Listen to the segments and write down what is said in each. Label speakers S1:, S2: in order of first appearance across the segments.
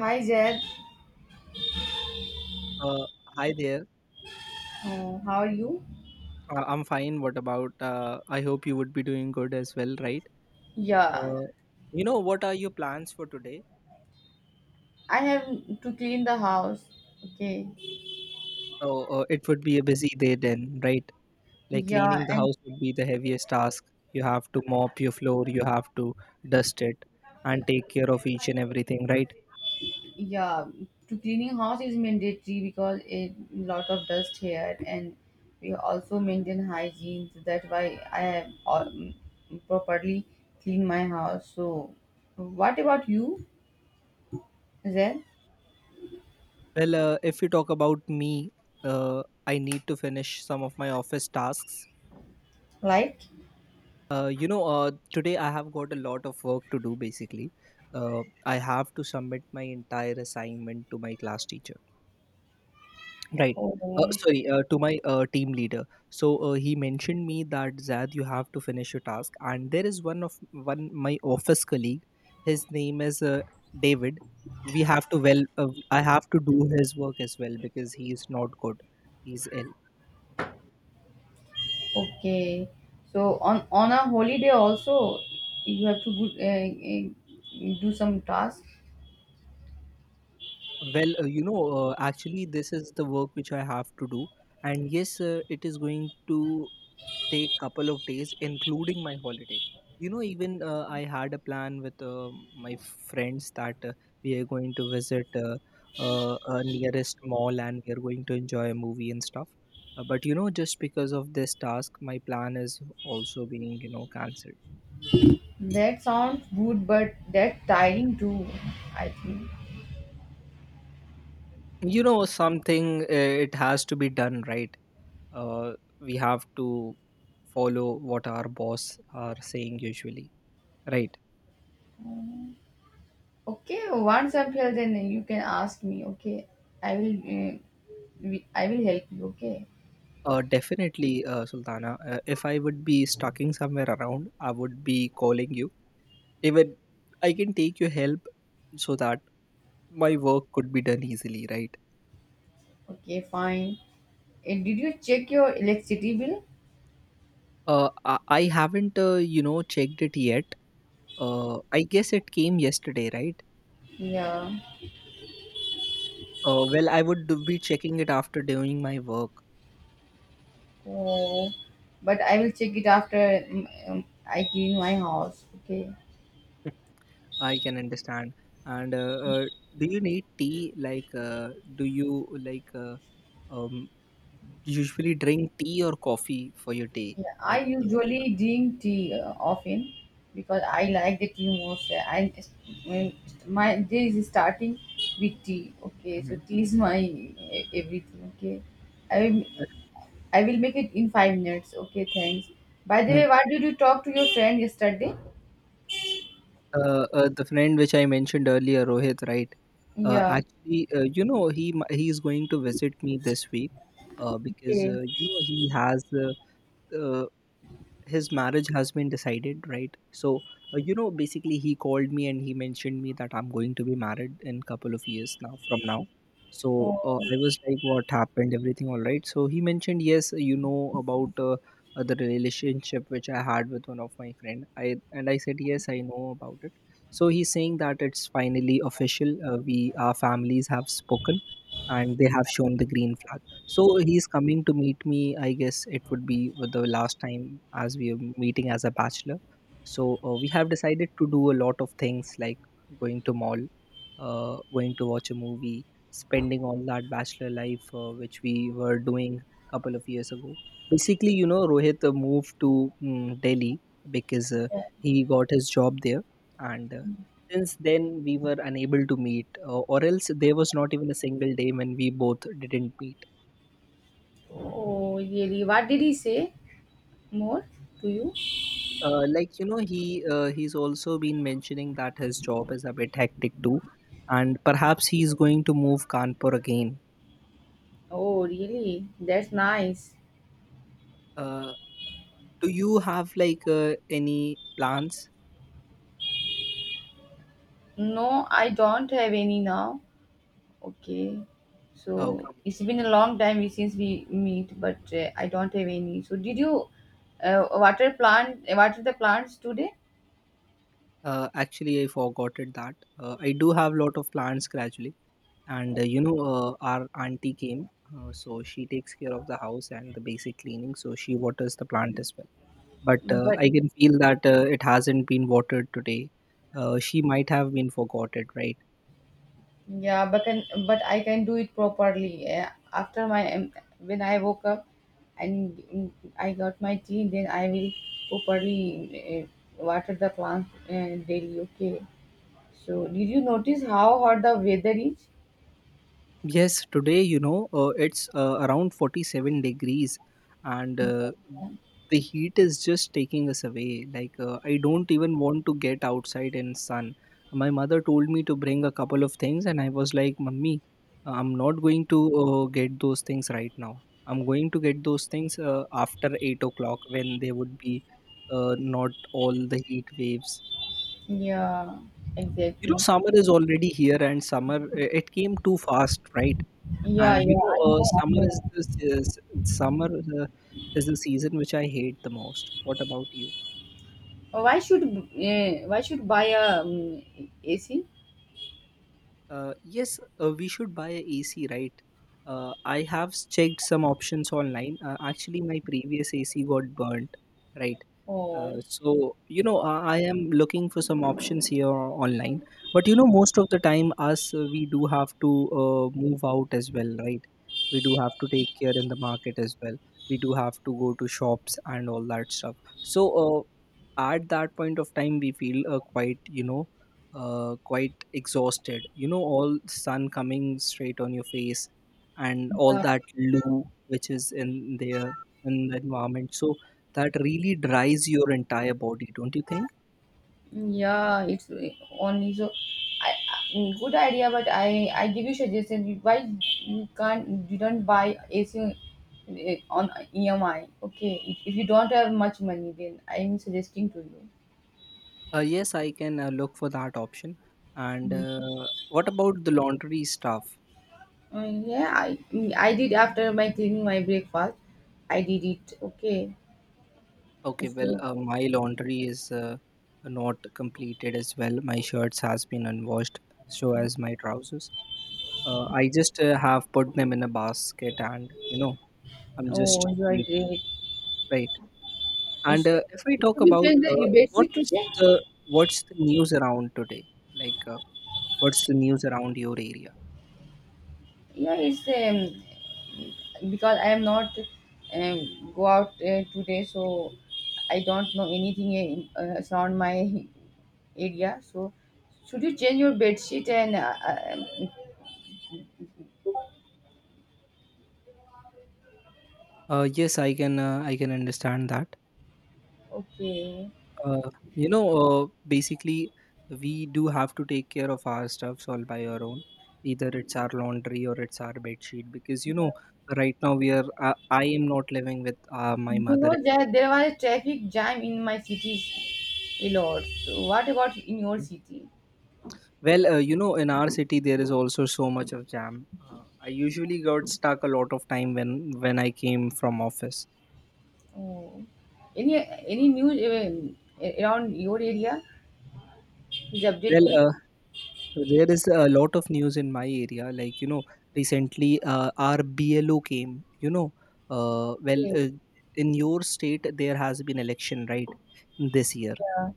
S1: Hi Zed.
S2: Uh, hi there.
S1: How are you?
S2: I'm fine. What about? I hope you would be doing good as well, right?
S1: Yeah,
S2: Uh, what are your plans for today?
S1: I have to clean the house. Okay.
S2: Oh, it would be a busy day then, right? Like
S1: Yeah,
S2: cleaning the
S1: and
S2: house would be the heaviest task. You have to mop your floor, you have to dust it, and take care of each and everything, right?
S1: yeah, to cleaning house is mandatory because a lot of dust here, and we also maintain hygiene. So that's why I have all, properly clean my house. So, what about you, Zed?
S2: Well, if you talk about me, I need to finish some of my office tasks.
S1: Like,
S2: Today I have got a lot of work to do basically. I have to submit my entire assignment to my class teacher. Right. Uh,
S1: oh.
S2: sorry, uh, to my team leader. So he mentioned me that Zad, you have to finish your task. And there is one my office colleague. His name is David. We have to well. I have to do his work as well because he is not good. He's ill.
S1: Okay. So on a holiday also you have to good, do some task.
S2: Well, actually, this is the work which I have to do, and yes, it is going to take couple of days, including my holiday. You know, even I had a plan with my friends that we are going to visit a nearest mall and we are going to enjoy a movie and stuff. But you know, just because of this task, my plan is also being cancelled.
S1: That sounds good, but that tiring too, I think.
S2: You know, something it has to be done, right? uh, we have to follow what our boss are saying usually, right?
S1: Okay, once I'm here, then you can ask me. Okay, I will. I will help you. Okay.
S2: Definitely, Sultana, if I would be stucking somewhere around I would be calling you. Even I can take your help so that my work could be done easily, right?
S1: Okay, fine. Did you check your electricity bill?
S2: I haven't checked it yet. I guess it came yesterday, right?
S1: Yeah.
S2: Well, be checking it after doing my work.
S1: Oh. But I will check it after I clean my house. Okay.
S2: I can understand. And uh, do you need tea? Like, do you like um, usually drink tea or coffee for your day?
S1: Yeah, I
S2: Like, when you.
S1: usually drink tea often because I like the tea most. I, when my day is starting with tea. Okay, so
S2: Mhm.
S1: tea is my everything. Okay, I will, I will make it in 5 minutes. Okay, thanks. By the
S2: Mm.
S1: way, what did you talk to your friend yesterday?
S2: The friend which I mentioned earlier, Rohit, right?
S1: Yeah.
S2: Actually, he is going to visit me this week because
S1: Okay.
S2: you know he has uh, his marriage has been decided, right? So you know, basically he called me and he mentioned me that I'm going to be married in couple of years now from now. So
S1: Oh,
S2: I was like, what happened, everything all right? So he mentioned yes, you know, about the relationship which I had with one of my friend, I and I said yes, I know about it. So he's saying that it's finally official. We, our families have spoken and they have shown the green flag, so he's coming to meet me. I guess it would be the last time as we are meeting as a bachelor. So we have decided to do a lot of things, like going to mall, going to watch a movie, spending all that bachelor life which we were doing a couple of years ago. Basically, you know, Rohit moved to Delhi, because
S1: yeah.
S2: he got his job there, and since then we were unable to meet, or else there was not even a single day when we both didn't meet.
S1: Oh, really? What did he say more to you?
S2: Like, you know, he's also been mentioning that his job is a bit hectic too, and perhaps he's going to move Kanpur again.
S1: Oh, really? That's nice.
S2: uh, do you have like any plans?
S1: No, I don't have any now. Okay. So
S2: Okay.
S1: it's been a long time since we meet, but I don't have any. So did you water the plants today?
S2: Actually, I forgot it that I do have lot of plans gradually, and our auntie came, so she takes care of the house and the basic cleaning, so she waters the plant as well. But
S1: But
S2: I can feel that it hasn't been watered today. She might have been forgotten, right?
S1: yeah, but can but I can do it properly. After my When I woke up and I got my tea, then I will properly water the plants daily. Okay. So did you notice how hot the weather is?
S2: Yes, today, you know, it's around 47 degrees, and the heat is just taking us away. Like, I don't even want to get outside in sun. My mother told me to bring a couple of things, and I was like, Mummy, I'm not going to get those things right now. I'm going to get those things after 8 o'clock, when there would be not all the heat waves.
S1: Yeah,
S2: You know,
S1: exactly.
S2: summer is already here, and summer, it came too fast, right?
S1: Yeah,
S2: And you
S1: yeah,
S2: know,
S1: I know, I
S2: summer is
S1: know.
S2: the se- s- summer is the season which I hate the most. What about you?
S1: Oh, why should buy a AC?
S2: Yes, we should buy a AC, right? I checked some options online. Actually, my previous AC got burnt, right?
S1: Oh.
S2: So you know, I am looking for some options here online. But you know, most of the time us we do have to move out as well, right? We do have to take care in the market as well. We do have to go to shops and all that stuff. So at that point of time we feel quite, you know, quite exhausted. You know, all sun coming straight on your face, and all
S1: Yeah,
S2: that loo which is in there in the environment, so that really dries your entire body, don't you think?
S1: yeah, it's only so. Good idea, but I give you suggestion. Why you can't you don't buy AC on on EMI? Okay, if you don't have much money, then I'm suggesting to you.
S2: Yes, I can look for that option. And what about the laundry stuff?
S1: Uh, yeah, I I did after my cleaning my breakfast. I did it. Okay.
S2: Okay, well,
S1: So,
S2: my laundry is not completed as well. My shirts has been unwashed, so as my trousers. I just have put them in a basket, and you know, I'm
S1: oh,
S2: just
S1: you are
S2: waiting,
S1: great.
S2: right?
S1: So,
S2: And if we talk
S1: should we
S2: about
S1: change the bed sheet today?
S2: what's the news around today, like what's the news around your area?
S1: Yeah, it's because I am not go out today, so I don't know anything in, around my area. So should you change your bed sheet and
S2: Yes, I can. I can understand that.
S1: okay.
S2: Uh, you know, basically, we do have to take care of our stuffs all by our own. Either it's our laundry or it's our bed sheet, because you know,
S1: Yeah,
S2: right now we are. I am not living with my
S1: you
S2: mother
S1: know
S2: anymore.
S1: that there was a traffic jam in my city a lot, so what about in your
S2: Okay?
S1: city?
S2: Well, you know, in our city there is also so much of jam. I usually got stuck a lot of time when I came from office.
S1: Oh. any any news around your area, please update
S2: Well,
S1: me.
S2: there is a lot of news in my area. Like, you know, recently our BLO came, you know, uh, well,
S1: Okay.
S2: uh, in your state, there has been election, right, this year
S1: Yeah.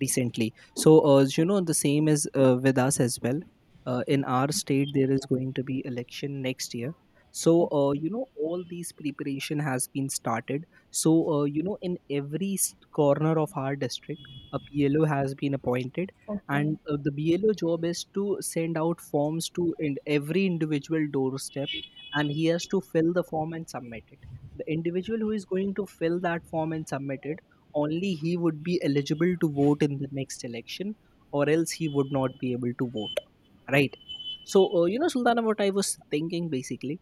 S2: recently. So, you know, the same is with us as well. In our state, there is going to be election next year. So,
S1: Okay.
S2: you know, all these preparation has been started. So, you know, in every corner of our district, a BLO has been appointed,
S1: Okay.
S2: and the BLO job is to send out forms to in every individual doorstep, and he has to fill the form and submit it. The individual who is going to fill that form and submit it, only he would be eligible to vote in the next election, or else he would not be able to vote, right? So you know, Sultana, what I was thinking basically,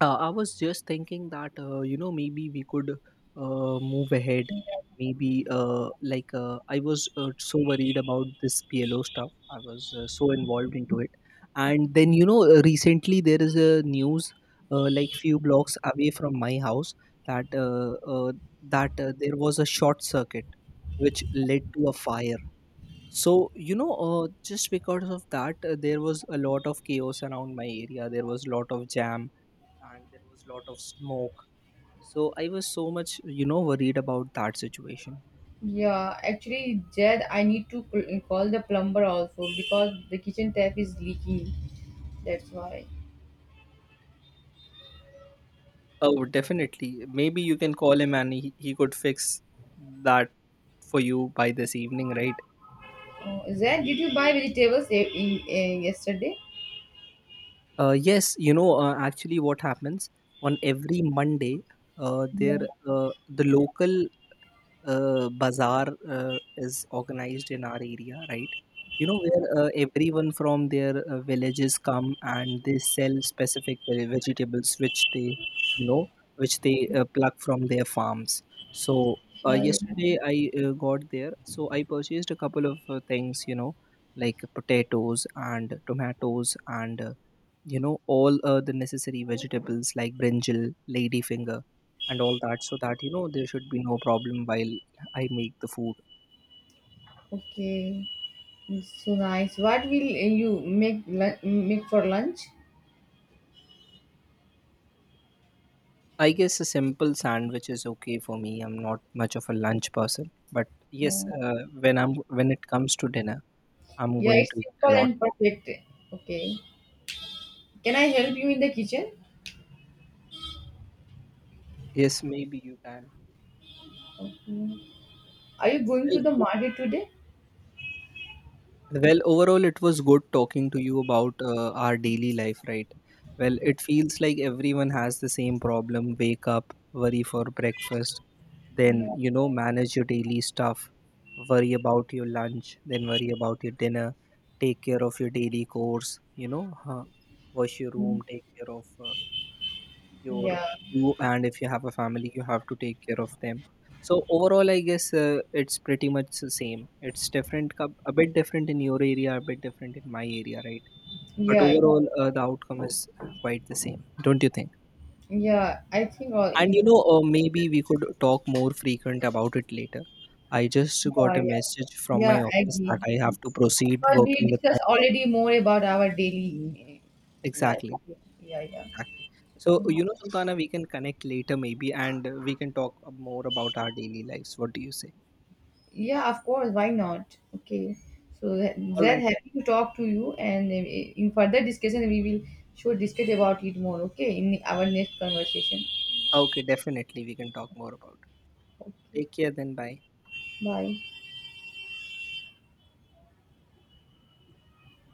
S2: I was just thinking that you know, maybe we could move ahead. Maybe like I was so worried about this PLO stuff. I was so involved into it, and then you know, recently there is a news like few blocks away from my house, that uh, uh, that there was a short circuit which led to a fire. So you know, just because of that there was a lot of chaos around my area. There was a lot of jam, and there was lot of smoke, so I was so much, you know, worried about that situation.
S1: Yeah, actually, Jed, I need to call the plumber also because the kitchen tap is leaking. That's why.
S2: Oh, definitely, maybe you can call him and he could fix that for you by this evening, right?
S1: Oh, Jed, did you buy vegetables yesterday?
S2: Yes, you know, actually, what happens on every Monday, uh, there
S1: Yeah,
S2: the local bazaar is organized in our area, right? You know, where everyone from their villages come and they sell specific vegetables which they, you know, which they pluck from their farms. So,
S1: yeah, yeah.
S2: yesterday I got there. So, I purchased a couple of things, you know, like potatoes and tomatoes, and, you know, all the necessary vegetables like brinjal, ladyfinger and all that, so that you know there should be no problem while I make the food.
S1: Okay, it's so nice. What will make for lunch?
S2: I guess a simple sandwich is okay for me. I'm not much of a lunch person, but yes,
S1: Oh,
S2: when I'm when it comes to dinner, I'm
S1: yeah,
S2: going
S1: it's
S2: to eat
S1: simple
S2: a lot.
S1: and perfect. Okay, can I help you in the kitchen?
S2: Yes, maybe you can.
S1: Okay. Are you going to
S2: Well,
S1: the market today?
S2: well, overall it was good talking to you about our daily life, right? Well, it feels like everyone has the same problem. Wake up, worry for breakfast, then
S1: Yeah.
S2: you know, manage your daily stuff, worry about your lunch, then worry about your dinner, take care of your daily course, you know, huh, wash your room, take care of your,
S1: Yeah,
S2: you, and if you have a family you have to take care of them. So overall I guess it's pretty much the same. It's different, a bit different in your area, a bit different in my area, right? But
S1: yeah, yeah.
S2: overall the outcome is quite the same, don't you think?
S1: Yeah, I think all.
S2: And you know, maybe we could talk more frequent about it later. I just got
S1: Yeah,
S2: a
S1: yeah.
S2: message from my
S1: Yeah, I
S2: office that
S1: agree,
S2: I have to proceed
S1: because we
S2: working with my.
S1: discussed already more about our daily life.
S2: Exactly,
S1: Okay. Yeah, yeah.
S2: exactly. So,
S1: Uh,
S2: you know, Sultana, we can connect later maybe, and we can talk more about our daily lives. What do you say?
S1: Yeah, of course, why not? Okay. So that
S2: All
S1: that
S2: right.
S1: happy to talk to you, and in further discussion, we will sure discuss about it more. Okay, in our next conversation.
S2: Okay, definitely we can talk more about it.
S1: Okay.
S2: Take care then. Bye.
S1: Bye.